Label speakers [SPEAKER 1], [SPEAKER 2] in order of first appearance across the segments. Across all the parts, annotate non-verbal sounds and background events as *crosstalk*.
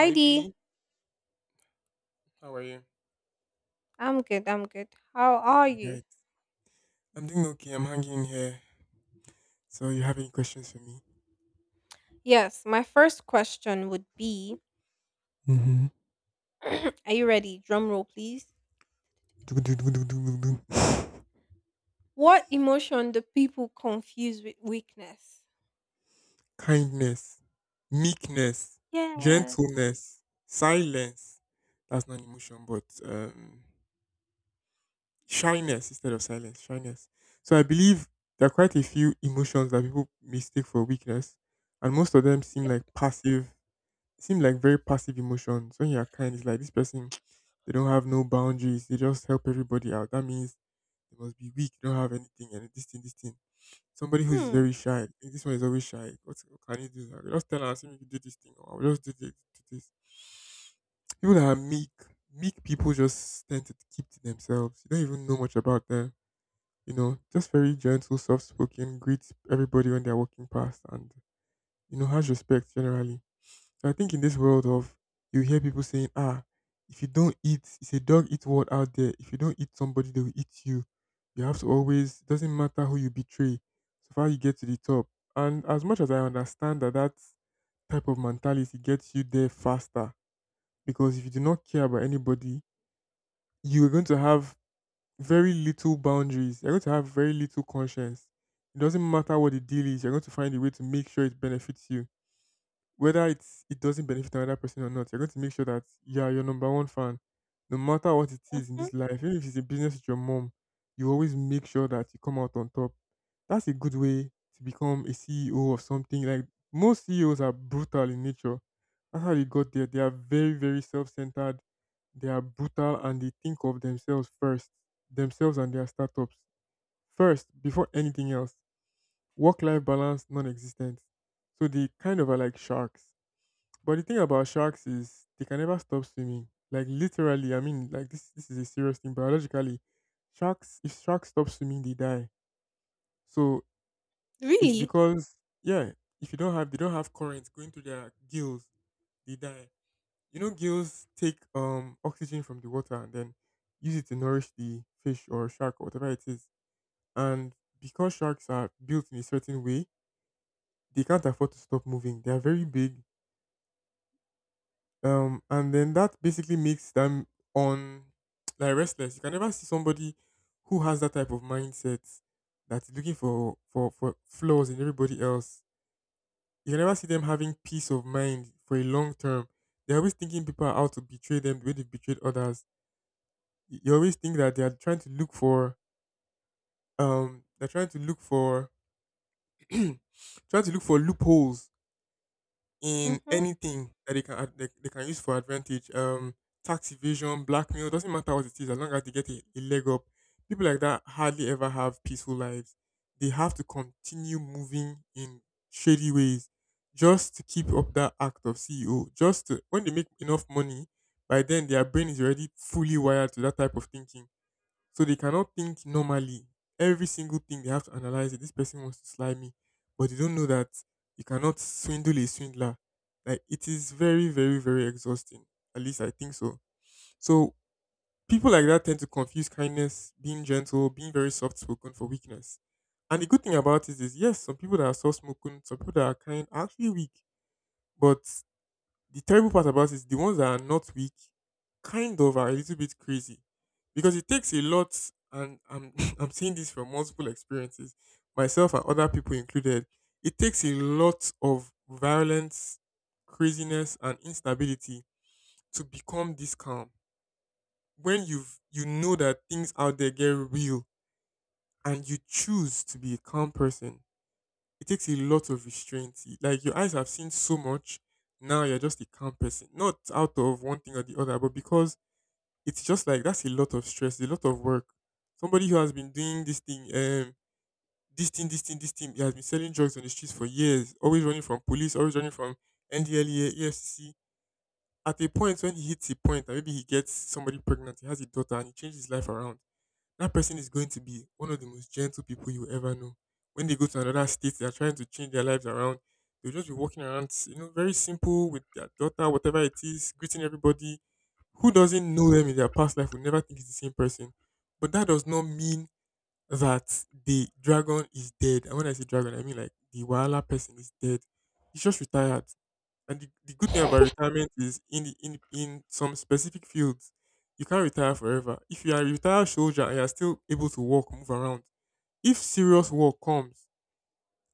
[SPEAKER 1] Hi B, how are you?
[SPEAKER 2] I'm good. How are
[SPEAKER 1] All
[SPEAKER 2] you?
[SPEAKER 1] right. I'm doing okay. I'm hanging in here. So you have any questions for me?
[SPEAKER 2] Yes, my first question would be
[SPEAKER 1] Mm-hmm.
[SPEAKER 2] *clears throat* Are you ready? Drum roll, please.
[SPEAKER 1] Do, do, do, do, do, do, do. *laughs*
[SPEAKER 2] What emotion do people confuse with weakness?
[SPEAKER 1] Kindness, meekness,
[SPEAKER 2] Yes.
[SPEAKER 1] gentleness, silence. That's not an emotion, but shyness instead of silence. Shyness. So I believe there are quite a few emotions that people mistake for weakness, and most of them seem
[SPEAKER 2] Yep.
[SPEAKER 1] like passive. Seem like very passive emotions. When you are kind, it's like this person. They don't have no boundaries. They just help everybody out. That means they must be weak. They don't have anything and this thing, this thing. Somebody who is
[SPEAKER 2] Hmm.
[SPEAKER 1] very shy. "Eh, this one is always shy. What can you do? I will just tell her, see me do this thing, or I'll just do this, do this. People that are meek, meek people just tend to keep to themselves. You don't even know much about them. You know, just very gentle, soft spoken, greet everybody when they're walking past, and you know, has respect generally. So I think in this world of, you hear people saying, ah, if you don't eat, it's a dog eat world out there. If you don't eat somebody, they will eat you. You have to always. It doesn't matter who you betray, so far you get to the top. And as much as I understand that type of mentality gets you there faster, because if you do not care about anybody, you are going to have very little boundaries. You're going to have very little conscience. It doesn't matter what the deal is. You're going to find a way to make sure it benefits you, whether it doesn't benefit another person or not, you're going to make sure that you are your number one fan. No matter what it is in
[SPEAKER 2] Mm-hmm.
[SPEAKER 1] this life, even if it's a business with your mom, you always make sure that you come out on top. That's a good way to become a CEO of something. Like most CEOs are brutal in nature. That's how they got there. They are very, very self-centered. They are brutal and they think of themselves first. Themselves and their startups. First, before anything else. Work-life balance non-existent. So they kind of are like sharks, but the thing about sharks is they can never stop swimming. Like literally, I mean, like this is a serious thing. Biologically, sharks if sharks stop swimming, they die. So it's
[SPEAKER 2] Really?
[SPEAKER 1] because, yeah, if you don't have they don't have currents going through their gills, they die. You know, gills take oxygen from the water and then use it to nourish the fish or shark or whatever it is. And because sharks are built in a certain way, they can't afford to stop moving. They are very big. And then that basically makes them on, *tsk* like, restless. You can never see somebody who has that type of mindset, that is looking for flaws in everybody else. You can never see them having peace of mind for a long term. They're always thinking people are out to betray them the way they've betrayed others. You always think that they are trying to look for they're trying to look for, *clears throat* trying to look for loopholes in
[SPEAKER 2] Mm-hmm.
[SPEAKER 1] anything that they they can use for advantage. Tax evasion, blackmail, doesn't matter what it is, as long as they get a leg up. People like that hardly ever have peaceful lives. They have to continue moving in shady ways just to keep up that act of CEO. Just to, when they make enough money, by then their brain is already fully wired to that type of thinking, so they cannot think normally. Every single thing they have to analyze it. This person wants to slime me, but they don't know that you cannot swindle a swindler. Like, it is very, very, very exhausting. At least I think so. So people like that tend to confuse kindness, being gentle, being very soft spoken for weakness. And the good thing about it is, yes, some people that are soft spoken, some people that are kind, are actually weak. But the terrible part about it, the ones that are not weak kind of are a little bit crazy because it takes a lot, and I'm *laughs* I'm seeing this from multiple experiences, myself and other people included. It takes a lot of violence, craziness and instability to become this calm. When you know that things out there get real and you choose to be a calm person, it takes a lot of restraint. Like your eyes have seen so much. Now you're just a calm person. Not out of one thing or the other, but because it's just like that's a lot of stress, a lot of work. Somebody who has been doing this thing, this thing, this thing, this thing, he has been selling drugs on the streets for years, always running from police, always running from NDLEA, EFCC. At a point when he hits a point, and maybe he gets somebody pregnant, he has a daughter, and he changes his life around, that person is going to be one of the most gentle people you will ever know. When they go to another state, they are trying to change their lives around. They'll just be walking around, you know, very simple with their daughter, whatever it is, greeting everybody. Who doesn't know them in their past life will never think it's the same person. But that does not mean that the dragon is dead. And when I say dragon, I mean like the Wala person is dead. He's just retired. And the good thing about retirement is in in some specific fields, you can't retire forever. If you are a retired soldier and you are still able to walk, move around, if serious war comes,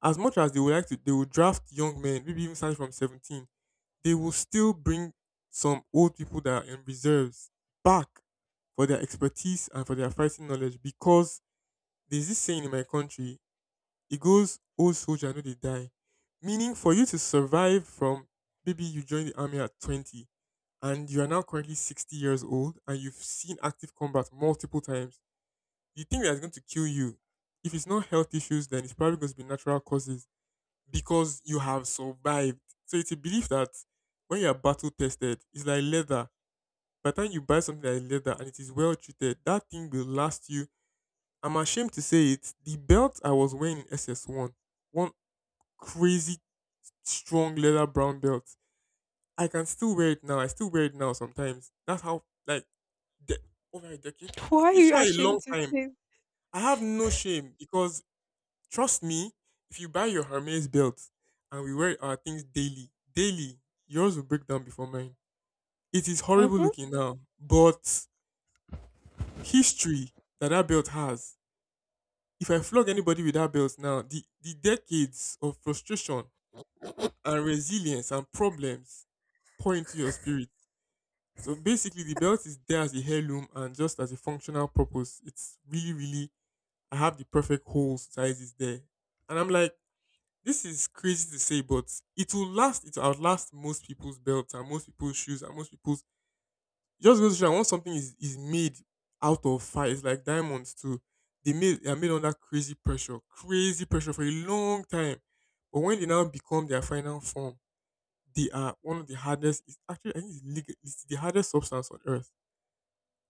[SPEAKER 1] as much as they would like to, they will draft young men, maybe even starting from 17. They will still bring some old people that are in reserves back for their expertise and for their fighting knowledge, because there's this saying in my country, it goes, "Oh soldier, no they die," meaning for you to survive from, maybe you joined the army at 20, and you are now currently 60 years old, and you've seen active combat multiple times. The thing that's going to kill you, if it's not health issues, then it's probably going to be natural causes because you have survived. So it's a belief that when you are battle tested, it's like leather. By the time you buy something that is leather and it is well treated, that thing will last you. I'm ashamed to say it. The belt I was wearing in SS1, one crazy strong leather brown belt. I can still wear it now. I still wear it now sometimes. That's how, like, de- over a decade.
[SPEAKER 2] *laughs* Why are
[SPEAKER 1] It's
[SPEAKER 2] you
[SPEAKER 1] not a long
[SPEAKER 2] ashamed to
[SPEAKER 1] time.
[SPEAKER 2] say?
[SPEAKER 1] I have no shame because, trust me, if you buy your Hermes belt and we wear our things daily, daily, yours will break down before mine. It is horrible
[SPEAKER 2] Mm-hmm.
[SPEAKER 1] looking now, but history that that belt has. If I flog anybody with that belt now, the decades of frustration and resilience and problems pour into your spirit. So basically, the belt is there as a heirloom and just as a functional purpose. It's really, really, I have the perfect hole size is there. And I'm like, this is crazy to say, but it will last, it will outlast most people's belts and most people's shoes and most people's. It just goes to show that once something is made out of fire, it's like diamonds too. They are made under crazy pressure for a long time. But when they now become their final form, they are one of the hardest. It's actually I think it's the hardest substance on earth.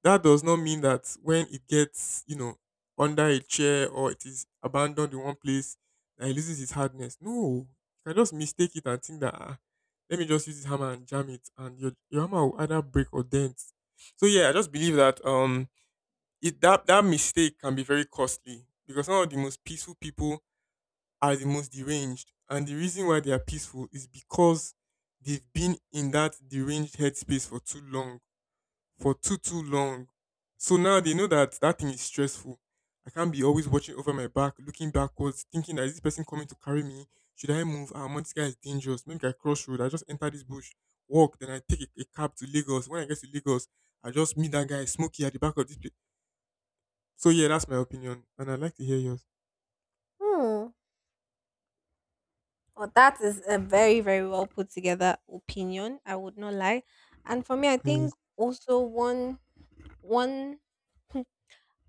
[SPEAKER 1] That does not mean that when it gets, you know, under a chair or it is abandoned in one place, that it loses its hardness. No, you can just mistake it and think that, ah, let me just use this hammer and jam it, and your hammer will either break or dent. So yeah, I just believe that, it that that mistake can be very costly because some of the most peaceful people are the most deranged, and the reason why they are peaceful is because they've been in that deranged headspace for too long, for too long. So now they know that that thing is stressful. I can't be always watching over my back, looking backwards, thinking that is this person coming to carry me? Should I move? Ah, man, this guy is dangerous. Maybe I cross road. I just enter this bush, walk, then I take a cab to Lagos. When I get to Lagos, I just meet that guy, Smokey, at the back of this place. So yeah, that's my opinion, and I'd like to hear yours.
[SPEAKER 2] Hmm. Well, that is a very, very well put together opinion. I would not lie. And for me, I
[SPEAKER 1] Yes.
[SPEAKER 2] think also one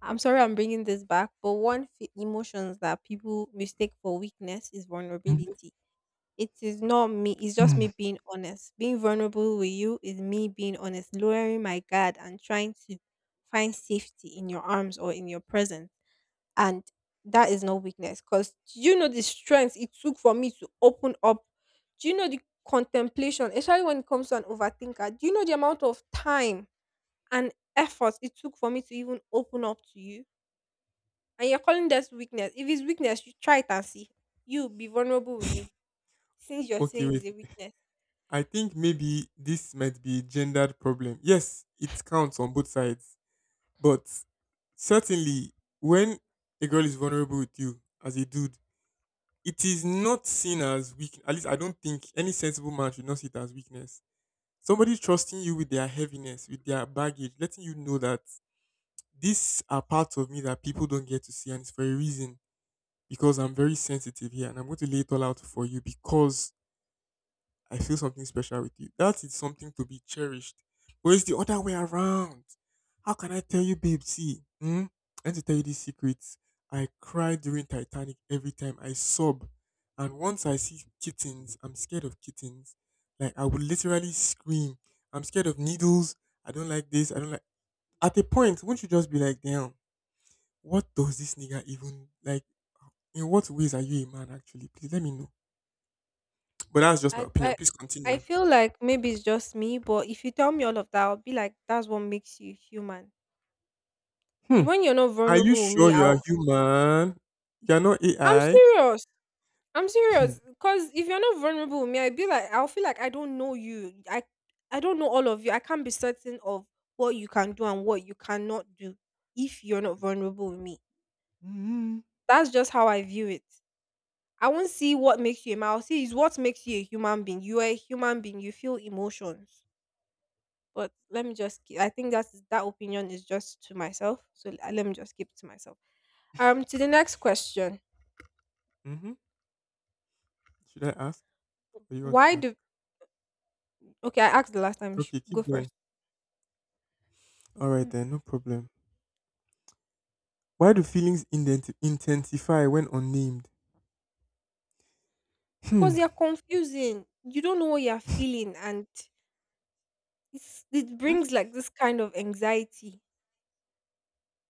[SPEAKER 2] I'm sorry I'm bringing this back, but emotions that people mistake for weakness is
[SPEAKER 1] Mhm.
[SPEAKER 2] vulnerability. It is not me, it's just me
[SPEAKER 1] *laughs*
[SPEAKER 2] being honest. Being vulnerable with you is me being honest, lowering my guard and trying to find safety in your arms or in your presence. And that is not weakness because do you know the strength it took for me to open up? Do you know the contemplation, especially when it comes to an overthinker? Do you know the amount of time and effort it took for me to even open up to you? And you're calling this weakness. If it's weakness, you try it and see. You be vulnerable with me, since you're
[SPEAKER 1] Okay,
[SPEAKER 2] saying
[SPEAKER 1] wait.
[SPEAKER 2] it's a weakness.
[SPEAKER 1] I think maybe this might be a gendered problem. Yes, it counts on both sides. But certainly, when a girl is vulnerable with you as a dude, it is not seen as weak. At least I don't think any sensible man should not see it as weakness. Somebody trusting you with their heaviness, with their baggage, letting you know that these are parts of me that people don't get to see, and it's for a reason because I'm very sensitive here, and I'm going to lay it all out for you because I feel something special with you. That is something to be cherished. But it's the other way around. How can I tell you, babe? See, hmm? I need to tell you these secrets. I cry during Titanic every time I sob. And once I see kittens, I'm scared of kittens. Like, I would literally scream. I'm scared of needles. I don't like this. I don't like. At a point, won't you just be like, damn, what does this nigga even like? In what ways are you a man, actually? Please let me know. But that's just my
[SPEAKER 2] I
[SPEAKER 1] opinion.
[SPEAKER 2] I
[SPEAKER 1] Please
[SPEAKER 2] I
[SPEAKER 1] continue.
[SPEAKER 2] feel like maybe it's just me, but if you tell me all of that, I'll be like, that's what makes you human. It's
[SPEAKER 1] Hmm.
[SPEAKER 2] when you're not
[SPEAKER 1] Are you
[SPEAKER 2] vulnerable with
[SPEAKER 1] sure
[SPEAKER 2] me,
[SPEAKER 1] you are
[SPEAKER 2] I'll
[SPEAKER 1] human? You're not
[SPEAKER 2] I'm
[SPEAKER 1] AI?
[SPEAKER 2] serious. I'm serious. Cause if you're not vulnerable with me, I'll feel like I don't know you. I don't know all of you. I can't be certain of what you can do and what you cannot do if you're not vulnerable with me.
[SPEAKER 1] Mhm. Mhm.
[SPEAKER 2] That's just how I view it. I won't see what makes you a man. I'll see is what makes you a human being. You are a human being. You feel emotions. But let me just. Keep, I think that's that opinion is just to myself. So let me just keep it to myself. To the next question.
[SPEAKER 1] *laughs* Should I ask? Or you want to
[SPEAKER 2] Why
[SPEAKER 1] ask?
[SPEAKER 2] do? Okay, I asked the last time. You should
[SPEAKER 1] Okay,
[SPEAKER 2] go
[SPEAKER 1] keep going.
[SPEAKER 2] first.
[SPEAKER 1] All right
[SPEAKER 2] Mm.
[SPEAKER 1] then, no problem. Why do feelings intensify when unnamed? Hmm.
[SPEAKER 2] Because you're confusing. You don't know what you're feeling, and it
[SPEAKER 1] Hmm.
[SPEAKER 2] brings like this kind of anxiety.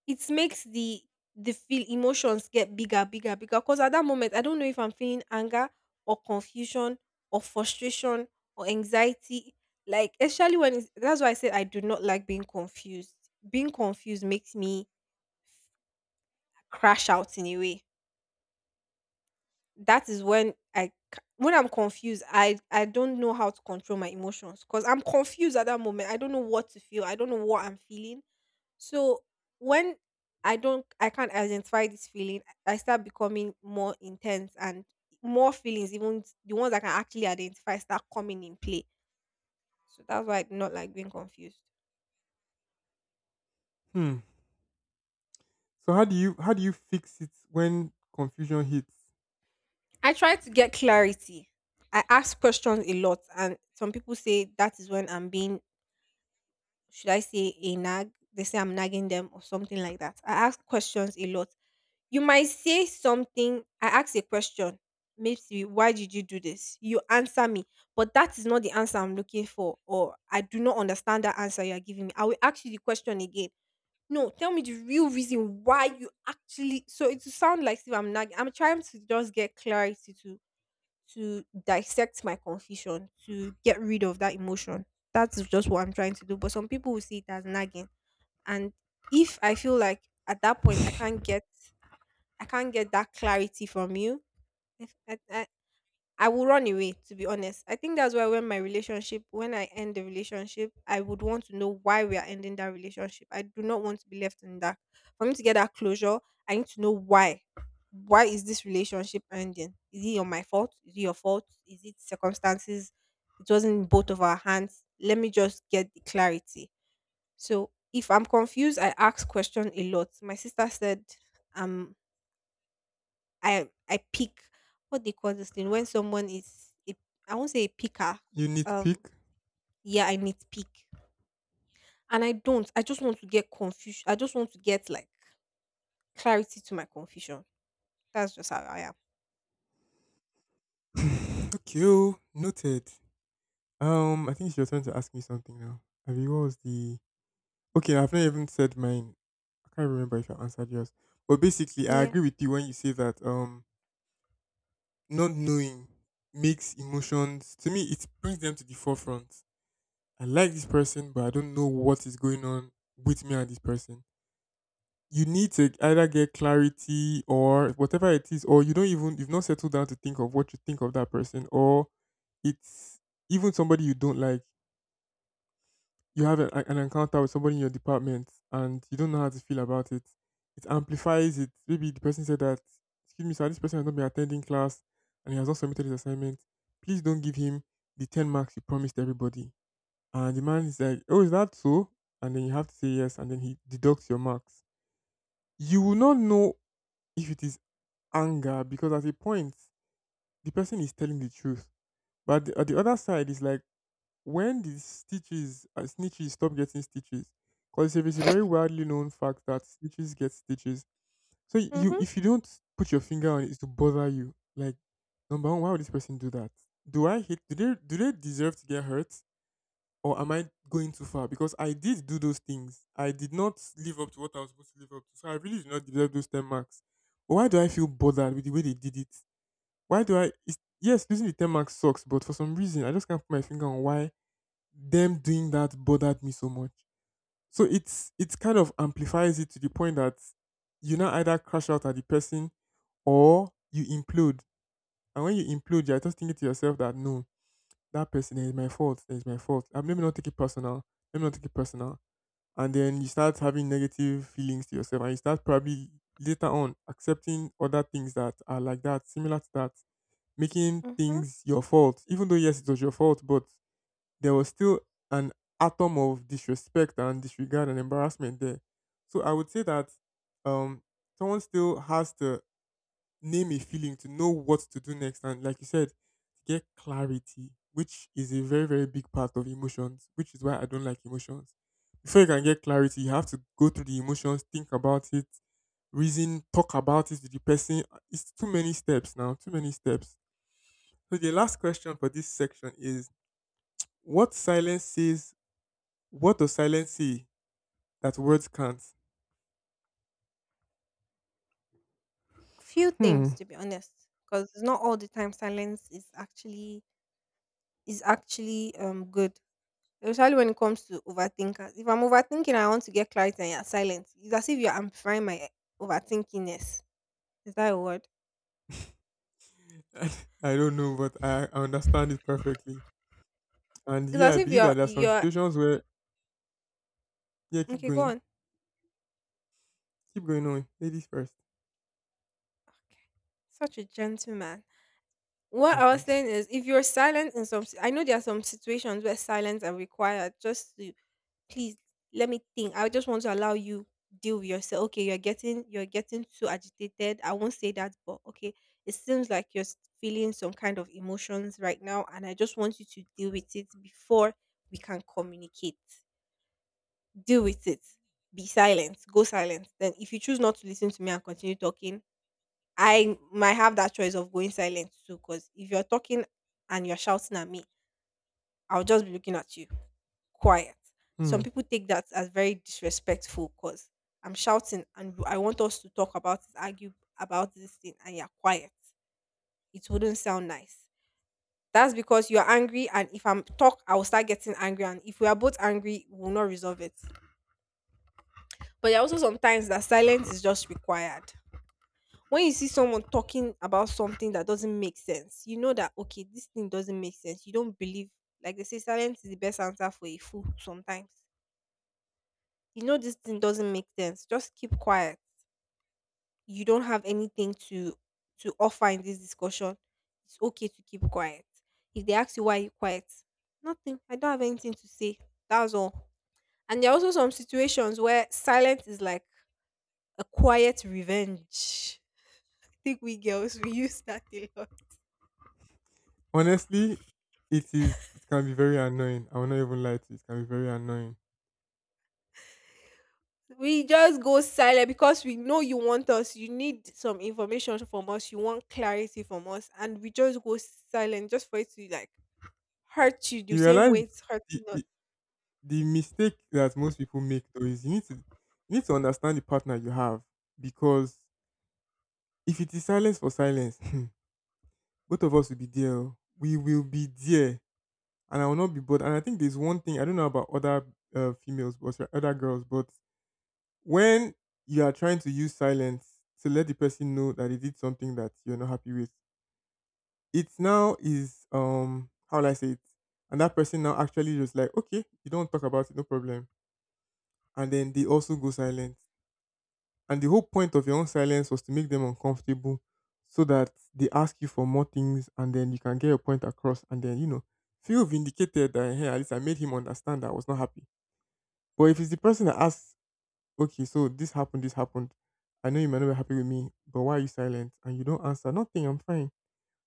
[SPEAKER 2] It makes the feel emotions get bigger bigger bigger because at that moment I don't know if I'm feeling anger or confusion or frustration or anxiety, especially that's why I said I do not like being confused. Being confused makes me crash out in a way. That is when when I'm confused I don't know how to control my emotions because I'm confused. At that moment I don't know what to feel, I don't know what I'm feeling. So when I can't identify this feeling, I start becoming more intense, and more feelings, even the ones I can actually identify, start coming in play. So that's why I do not like being confused.
[SPEAKER 1] Hmm. So how do you fix it when confusion hits?
[SPEAKER 2] I try to get clarity. I ask questions a lot, and some people say that is when I'm being, should I say, a nag? They say I'm nagging them or something like that. I ask questions a lot. You might say something, I ask a question, maybe why did you do this? You answer me, but that is not the answer I'm looking for, or I do not understand that answer you are giving me. I will ask you the question again. No, tell me the real reason why you actually. So it will sound like if I'm nagging. I'm trying to just get clarity, to dissect my confusion, to get rid of that emotion. That's just what I'm trying to do. But some people will see it as nagging, and if I feel like at that point I can't get that clarity from you, if I, I will run away, to be honest. I think that's why when when I end the relationship, I would want to know why we are ending that relationship. I do not want to be left in the dark. For me to get that closure, I need to know why. Why is this relationship ending? Is it on my fault? Is it your fault? Is it circumstances? It wasn't in both of our hands. Let me just get the clarity. So if I'm confused, I ask question a lot. My sister said, um I pick, what they call this thing when someone is a, I won't say a picker.
[SPEAKER 1] You need to
[SPEAKER 2] Um,
[SPEAKER 1] pick.
[SPEAKER 2] yeah, I need pick, and I don't. I just want to get confusion. I just want to get like clarity to my confusion. That's just how I am.
[SPEAKER 1] *laughs* *sighs* Okay, oh, noted. I think it's your turn to ask me something now. Have you what was the Okay, I've not even said mine. I can't remember if I answered yours. But basically, I
[SPEAKER 2] Yeah.
[SPEAKER 1] agree with you when you say that not knowing makes emotions to me it brings them to the forefront. I like this person, but I don't know what is going on with me and this person. You need to either get clarity or whatever it is, or you don't even you've not settled down to think of what you think of that person, or it's even somebody you don't like you have an encounter with somebody in your department and you don't know how to feel about it, it amplifies it. Maybe the person said that, excuse me, sir, this person has not been attending class and he has not submitted his assignment. Please don't give him the 10 marks you promised everybody. And the man is like, oh, is that so? And then you have to say yes, and then he deducts your marks. You will not know if it is anger because at a point, the person is telling the truth. But the, at the other side, is like, when the stitches and snitches stop getting stitches, because it's a very widely known fact that snitches get stitches. So you,
[SPEAKER 2] Mhm.
[SPEAKER 1] if you don't put your finger on it, it's to bother you. Like, number one, why would this person do that? Do I hate? Do they deserve to get hurt, or am I going too far? Because I did do those things. I did not live up to what I was supposed to live up to. So I really did not deserve those 10 marks. But why do I feel bothered with the way they did it? Why do I? It's, yes, losing the 10 marks sucks, but for some reason, I just can't put my finger on why them doing that bothered me so much. So it kind of amplifies it to the point that you now either crash out at the person or you implode. And when you implode, you're just thinking to yourself that no, that person is my fault. It's my fault. Let me not take it personal. Let me not take it personal. And then you start having negative feelings to yourself, and you start probably later on accepting other things that are like that, similar to that, making
[SPEAKER 2] Mhm.
[SPEAKER 1] things your fault. Even though yes, it was your fault, but there was still an atom of disrespect and disregard and embarrassment there. So I would say that um, someone still has to name a feeling to know what to do next. And like you said, get clarity, which is a very, very big part of emotions, which is why I don't like emotions. Before you can get clarity, you have to go through the emotions, think about it, reason, talk about it with the person. It's too many steps now, too many steps. So the last question for this section is what silence says what does silence see that words can't?
[SPEAKER 2] Few
[SPEAKER 1] Hmm.
[SPEAKER 2] things, to be honest, because it's not all the time silence is actually good. Especially when it comes to overthinkers. If I'm overthinking, I want to get clarity, and you're silent. It's as if you're amplifying my overthinkingness. Is that a word? Yeah.
[SPEAKER 1] *laughs* I don't know, but I understand it perfectly. And
[SPEAKER 2] It's
[SPEAKER 1] yeah, I
[SPEAKER 2] as if
[SPEAKER 1] believe that
[SPEAKER 2] you're
[SPEAKER 1] there are some
[SPEAKER 2] you're
[SPEAKER 1] situations where yeah,
[SPEAKER 2] Okay. Go on.
[SPEAKER 1] keep going on, ladies first.
[SPEAKER 2] Okay, such a gentleman. What I
[SPEAKER 1] Thank
[SPEAKER 2] was
[SPEAKER 1] you.
[SPEAKER 2] saying is, if you're silent in some, I know there are some situations where silence are required. Just to, please let me think. I just want to allow you deal with yourself. Okay, you're getting too agitated. I won't say that, but okay, it seems like you're feeling some kind of emotions right now, and I just want you to deal with it before we can communicate. Deal with it, be silent, go silent. Then if you choose not to listen to me and continue talking, I might have that choice of going silent too, because if you're talking and you're shouting at me, I'll just be looking at you, quiet.
[SPEAKER 1] Hmm.
[SPEAKER 2] Some people take that as very disrespectful because I'm shouting and I want us to talk about it, argue about this thing, and you're quiet. It wouldn't sound nice. That's because you're angry, and if I'm talk, I will start getting angry, and if we are both angry, we will not resolve it. But there are also sometimes that silence is just required. When you see someone talking about something that doesn't make sense, you know that okay, this thing doesn't make sense. You don't believe. Like they say, silence is the best answer for a fool sometimes. You know this thing doesn't make sense. Just keep quiet. You don't have anything to offer in this discussion. It's okay to keep quiet. If they ask you why you quiet, nothing. I don't have anything to say. That's all. And there are also some situations where silence is like a quiet revenge. *laughs* I think we girls we use that a lot.
[SPEAKER 1] Honestly, it is. It can be very annoying. I will not even lie to you. It can be very annoying.
[SPEAKER 2] We just go silent because we know you want us, you need some information from us, you want clarity from us, and we just go silent just for it to like hurt you the
[SPEAKER 1] You
[SPEAKER 2] same
[SPEAKER 1] realize
[SPEAKER 2] way it's
[SPEAKER 1] the,
[SPEAKER 2] hurting us.
[SPEAKER 1] the, the mistake that most people make though is you need to understand the partner you have because if it is silence for silence, *laughs* both of us will be there. Oh. We will be there and I will not be bored. And I think there's one thing I don't know about other females, but sorry, other girls, but when you are trying to use silence to let the person know that they did something that you're not happy with, it now is how will I say it, and that person now actually just like okay, you don't talk about it, no problem, and then they also go silent. And the whole point of your own silence was to make them uncomfortable, so that they ask you for more things, and then you can get your point across, and then you know feel vindicated that hey, at least I made him understand that I was not happy. But if it's the person that asks, okay, so this happened, this happened. I know you might not be happy with me, but why are you silent? And you don't answer, nothing, I'm fine.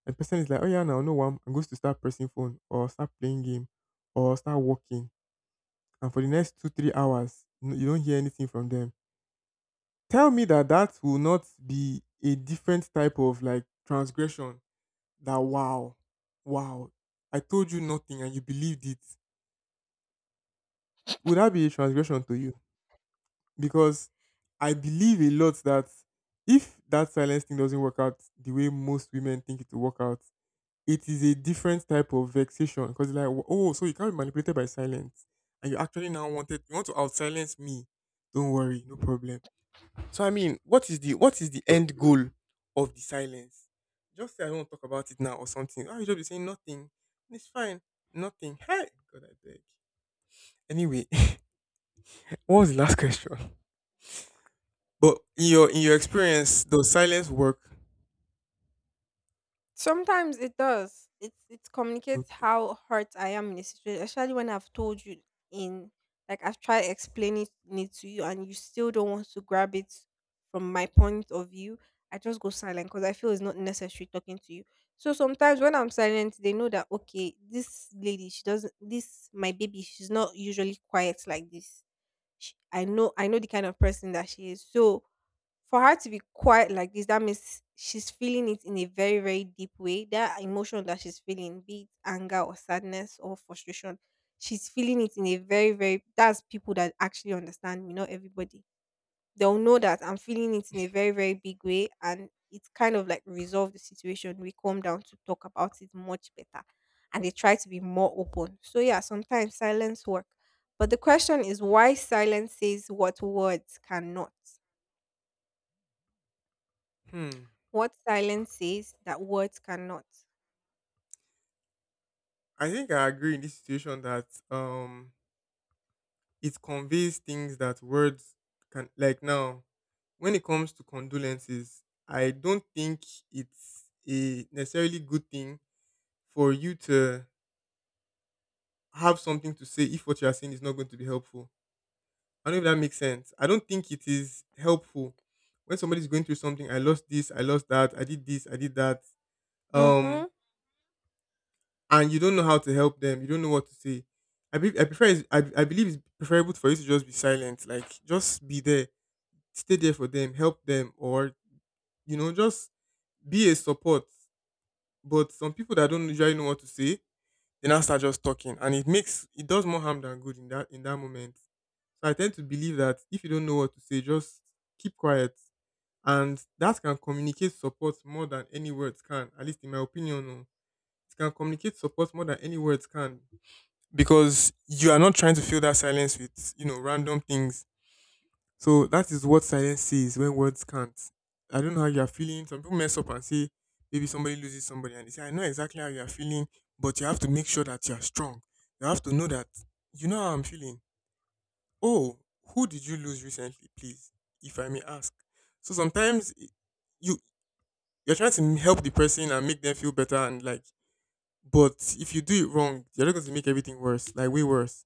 [SPEAKER 1] And the person is like, oh yeah, now no one, and goes to start pressing phone or start playing game or start walking. And for the next two, 3 hours, you don't hear anything from them. Tell me that that will not be a different type of like transgression. That wow, wow, I told you nothing and you believed it. Would that be a transgression to you? Because I believe a lot that if that silence thing doesn't work out the way most women think it will work out, it is a different type of vexation because like oh, so you can't be manipulated by silence and you want to out silence me. Don't worry, no problem. So I mean, what is the end goal of the silence? Just say I don't want to talk about it now or something. Oh, you just be saying nothing. It's fine, nothing. Hey, God, I beg. Anyway, *laughs* what was the last question? But in your experience, does silence work?
[SPEAKER 2] Sometimes it does. It communicates
[SPEAKER 1] Okay.
[SPEAKER 2] how hurt I am in a situation, especially when I've told you in, like, I've tried explaining it to you and you still don't want to grab it from my point of view. I just go silent because I feel it's not necessary talking to you. So sometimes when I'm silent, they know that okay, this my baby, she's not usually quiet like this. I know the kind of person that she is. So for her to be quiet like this, that means she's feeling it in a very, very deep way. That emotion that she's feeling, be it anger or sadness or frustration, she's feeling it in a very, that's people that actually understand me, not everybody. They'll know that I'm feeling it in a very, very big way and it's kind of like resolve the situation. We calm down to talk about it much better. And they try to be more open. So yeah, sometimes silence work. But the question is why silence says what words cannot.
[SPEAKER 1] Hmm.
[SPEAKER 2] What silence says that words cannot.
[SPEAKER 1] I think I agree in this situation that it conveys things that words can like now when it comes to condolences, I don't think it's a necessarily good thing for you to have something to say if what you are saying is not going to be helpful. I don't know if that makes sense. I don't think it is helpful when somebody's going through something. I lost this, I lost that, I did this, I did that. Um,
[SPEAKER 2] Mhm.
[SPEAKER 1] and you don't know how to help them. You don't know what to say. I believe it's preferable for you to just be silent. Like just be there, stay there for them, help them, or just be a support. But some people that don't usually know what to say, they now start just talking, and it makes it does more harm than good in that moment. So I tend to believe that if you don't know what to say, just keep quiet, and that can communicate support more than any words can. At least in my opinion, oh. It can communicate support more than any words can because you are not trying to fill that silence with random things. So that is what silence says when words can't. I don't know how you are feeling. Some people mess up and say maybe somebody loses somebody and they say I know exactly how you are feeling, but you have to make sure that you are strong. You have to know that you know how I'm feeling. Oh, who did you lose recently, please, if I may ask? So sometimes you you're trying to help the person and make them feel better and, like, but if you do it wrong, you're not going to make everything worse, like way worse.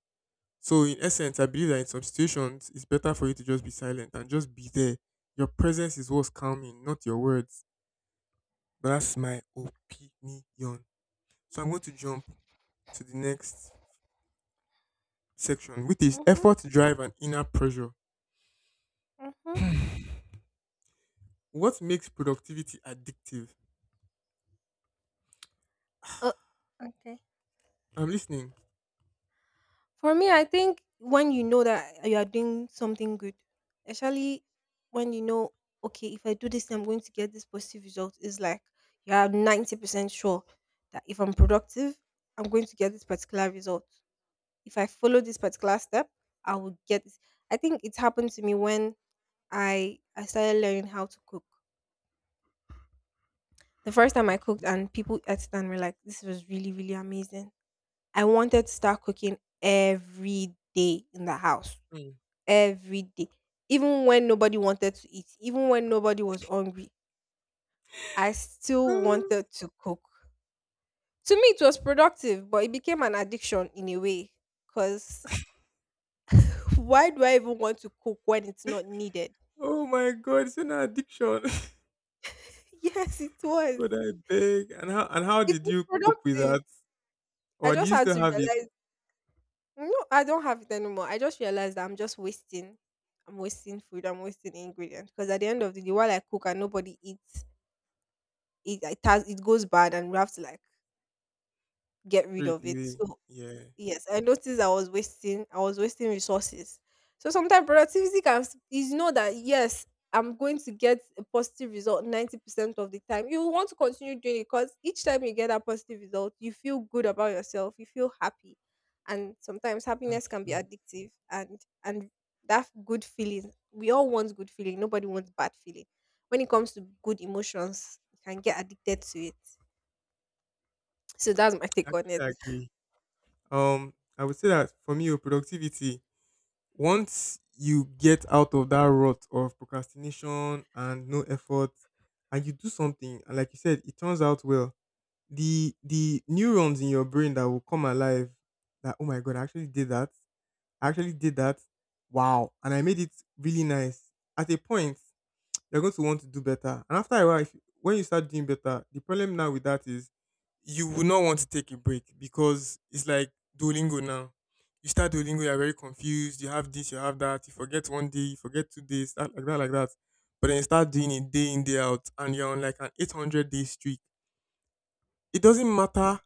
[SPEAKER 1] So in essence, I believe that in some situations, it's better for you to just be silent and just be there. Your presence is what's calming, not your words. But that's my opinion. So I'm going to jump to the next section, which is
[SPEAKER 2] Mhm.
[SPEAKER 1] effort, drive, and inner pressure.
[SPEAKER 2] Mhm.
[SPEAKER 1] What makes productivity addictive?
[SPEAKER 2] Uh, okay.
[SPEAKER 1] I'm listening.
[SPEAKER 2] For me, I think when you know that you are doing something good, especially when you know, okay, if I do this, I'm going to get this positive result. It's like you are 90% sure that if I'm productive, I'm going to get this particular result. If I follow this particular step, I will get. This. I think it happened to me when I started learning how to cook. The first time I cooked
[SPEAKER 1] Okay.
[SPEAKER 2] and people ate it and were like, this was really, really amazing. I wanted to start cooking every day in the house.
[SPEAKER 1] Mm.
[SPEAKER 2] Every day. Even when nobody wanted to eat, even when nobody was hungry, I still
[SPEAKER 1] Ah,
[SPEAKER 2] wanted to cook. To me, it was productive, but it became an addiction in a way. Because *laughs* why do I even want to cook when it's not needed? *laughs*
[SPEAKER 1] oh my God, it's an addiction.
[SPEAKER 2] Yes, it
[SPEAKER 1] *laughs*
[SPEAKER 2] was.
[SPEAKER 1] God, I beg. And how
[SPEAKER 2] It
[SPEAKER 1] did
[SPEAKER 2] was
[SPEAKER 1] you cope with
[SPEAKER 2] productive.
[SPEAKER 1] that?
[SPEAKER 2] I
[SPEAKER 1] Or do
[SPEAKER 2] just
[SPEAKER 1] you
[SPEAKER 2] had
[SPEAKER 1] still
[SPEAKER 2] to
[SPEAKER 1] have it
[SPEAKER 2] realize No, I don't have it anymore. I just realized that I'm just wasting. I'm wasting food. I'm wasting ingredients because at the end of the day, while I cook and nobody eats, it goes bad, and we have to like get rid
[SPEAKER 1] straight
[SPEAKER 2] of it.
[SPEAKER 1] away?
[SPEAKER 2] So
[SPEAKER 1] Yeah,
[SPEAKER 2] yes, I noticed I was wasting resources. So sometimes productivity is know that yes, I'm going to get a positive result 90% of the time. You want to continue doing it because each time you get that positive result, you feel good about yourself, you feel happy. And sometimes
[SPEAKER 1] that's
[SPEAKER 2] happiness can be
[SPEAKER 1] true.
[SPEAKER 2] addictive, and that good feeling. We all want good feeling. Nobody wants bad feeling. When it comes to good emotions, you can get addicted to it. So that's my
[SPEAKER 1] I
[SPEAKER 2] take on
[SPEAKER 1] actually
[SPEAKER 2] it.
[SPEAKER 1] agree. I would say that for me, with productivity, once you get out of that rut of procrastination and no effort, and you do something, and, like you said, it turns out well, the neurons in your brain that will come alive, that, oh my God, I actually did that. I actually did that. Wow. And I made it really nice. At a point, you're going to want to do better. And after a while, if, when you start doing better, the problem now with that is you will not want to take a break, because it's like Duolingo now. You start Duolingo, you're very confused. You have this, you have that. You forget one day, you forget 2 days, that, like that, like that. But then you start doing it day in, day out, and you're on like an 800-day streak. It doesn't matter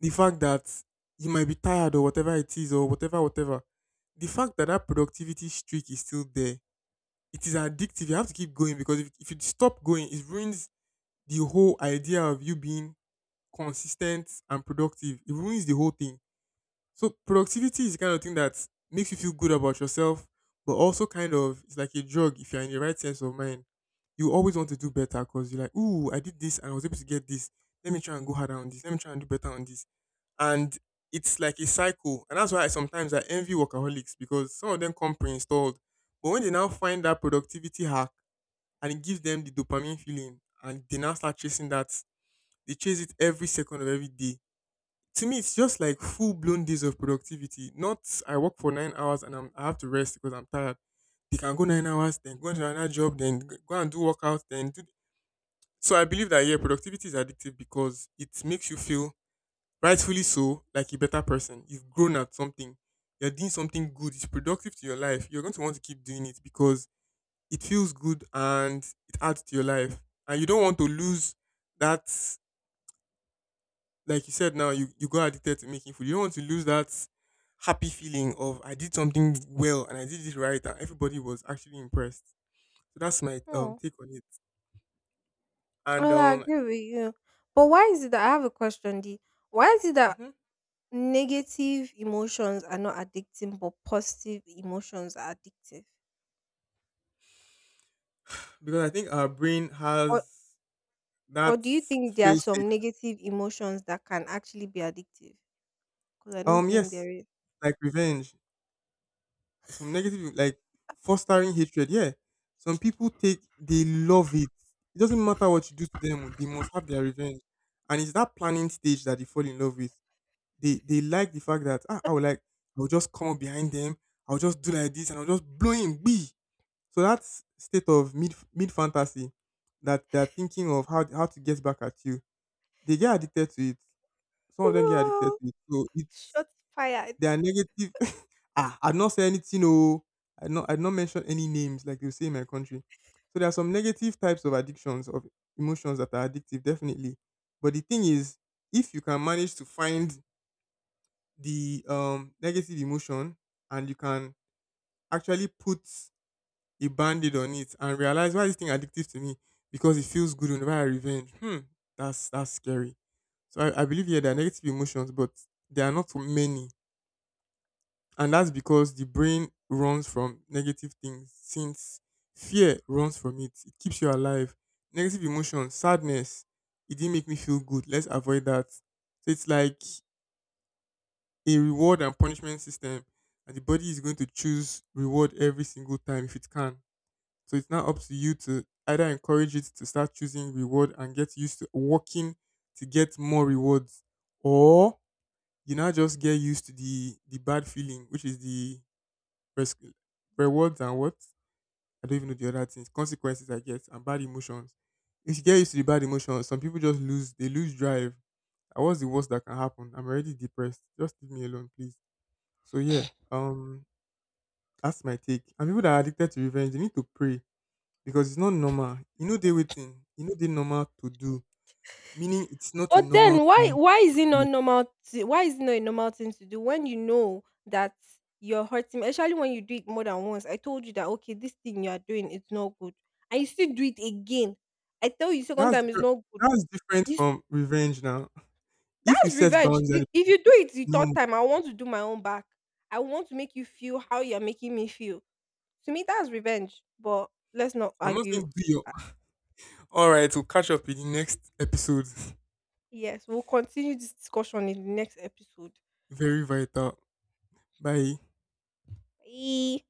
[SPEAKER 1] the fact that you might be tired or whatever it is, or whatever, whatever. The fact that that productivity streak is still there, it is addictive. You have to keep going, because if you stop going, it ruins the whole idea of you being consistent and productive. It ruins the whole thing. So productivity is the kind of thing that makes you feel good about yourself, but also kind of it's like a drug if you're in the right sense of mind. You always want to do better because you're like, ooh, I did this and I was able to get this. Let me try and go harder on this. Let me try and do better on this. And it's like a cycle. And that's why I sometimes I envy workaholics, because some of them come pre-installed. But when they now find that productivity hack, and it gives them the dopamine feeling and they now start chasing that, they chase it every second of every day. To me it's just like full blown days of productivity, not I work for 9 hours and I have to rest because I'm tired. They can go 9 hours, then go into another job, then go and do workout, then do. So I believe that, yeah, productivity is addictive because it makes you feel, rightfully so, like a better person. You've grown at something, you're doing something good, it's productive to your life. You're going to want to keep doing it because it feels good and it adds to your life. And you don't want to lose that, like you said now, you got addicted to making food. You don't want to lose that happy feeling of I did something well and I did it right and everybody was actually impressed. So that's my take on it. And
[SPEAKER 2] Well, I agree with you. But why is it that, I have a question, D? Why is it that
[SPEAKER 1] mhm,
[SPEAKER 2] negative emotions are not addicting, but positive emotions are addictive?
[SPEAKER 1] because I think our brain
[SPEAKER 2] Or
[SPEAKER 1] has
[SPEAKER 2] or
[SPEAKER 1] that
[SPEAKER 2] do you think there are
[SPEAKER 1] feel safe.
[SPEAKER 2] some negative emotions that can actually be addictive? Because I don't think
[SPEAKER 1] Yes,
[SPEAKER 2] there is.
[SPEAKER 1] like revenge. Some negative, like fostering hatred. Yeah, some people take, they love it. It doesn't matter what you do to them, they must have their revenge. And it's that planning stage that they fall in love with. They like the fact that, ah, I will just come up behind them, I will just do like this, and I'll just blow him. Be, so that state of mid fantasy that they're thinking of how to get back at you. They get addicted to it.
[SPEAKER 2] *laughs*
[SPEAKER 1] Some of them get addicted
[SPEAKER 2] Wow,
[SPEAKER 1] to it. So it's,
[SPEAKER 2] shots fired.
[SPEAKER 1] they are negative. Ah, I would not say anything, oh. I would not mention any names, like they say in my country. So there are some negative types of addictions, of emotions that are addictive, definitely. But the thing is, if you can manage to find the negative emotion and you can actually put a band-aid on it and realize, why is this thing addictive to me? Because it feels good whenever I revenge. Hmm, that's scary. So I believe, yeah, there are negative emotions, but there are not many. And that's because the brain runs from negative things. Since fear runs from it, it keeps you alive. Negative emotion, sadness, it didn't make me feel good. Let's avoid that. So it's like a reward and punishment system. And the body is going to choose reward every single time if it can. So it's now up to you to either encourage it to start choosing reward and get used to working to get more rewards, or you now just get used to the bad feeling, which is the res- rewards and what? I don't even know the other things. Consequences, I guess, and bad emotions. If you get used to the bad emotions, some people just lose. They lose drive. And what's the worst that can happen? I'm already depressed. Just leave me alone, please. So yeah, um, that's my take. And people that are addicted to revenge, they need to pray because it's not normal. You know they waiting. You know they normal to do. Meaning it's not a
[SPEAKER 2] But then
[SPEAKER 1] normal
[SPEAKER 2] why
[SPEAKER 1] thing.
[SPEAKER 2] why is it
[SPEAKER 1] To do.
[SPEAKER 2] not normal to, why is it not a normal thing to do when you know that you're hurting me? Especially when you do it more than once. I told you that okay, this thing you are doing, it's not good. And you still do it again. I tell you second
[SPEAKER 1] That's
[SPEAKER 2] time it's
[SPEAKER 1] different.
[SPEAKER 2] not good.
[SPEAKER 1] That's different
[SPEAKER 2] You, s-
[SPEAKER 1] from revenge now. If you
[SPEAKER 2] that's
[SPEAKER 1] set
[SPEAKER 2] revenge.
[SPEAKER 1] boundaries and
[SPEAKER 2] If you do it the third
[SPEAKER 1] no,
[SPEAKER 2] time, I want to do my own back. I want to make you feel how you're making me feel. To me, that's revenge. But let's not
[SPEAKER 1] I'm not
[SPEAKER 2] argue.
[SPEAKER 1] saying do your. All right, we'll catch up in the next episode.
[SPEAKER 2] Yes, we'll continue this discussion in the next episode.
[SPEAKER 1] *laughs* Very vital. Bye.
[SPEAKER 2] Bye.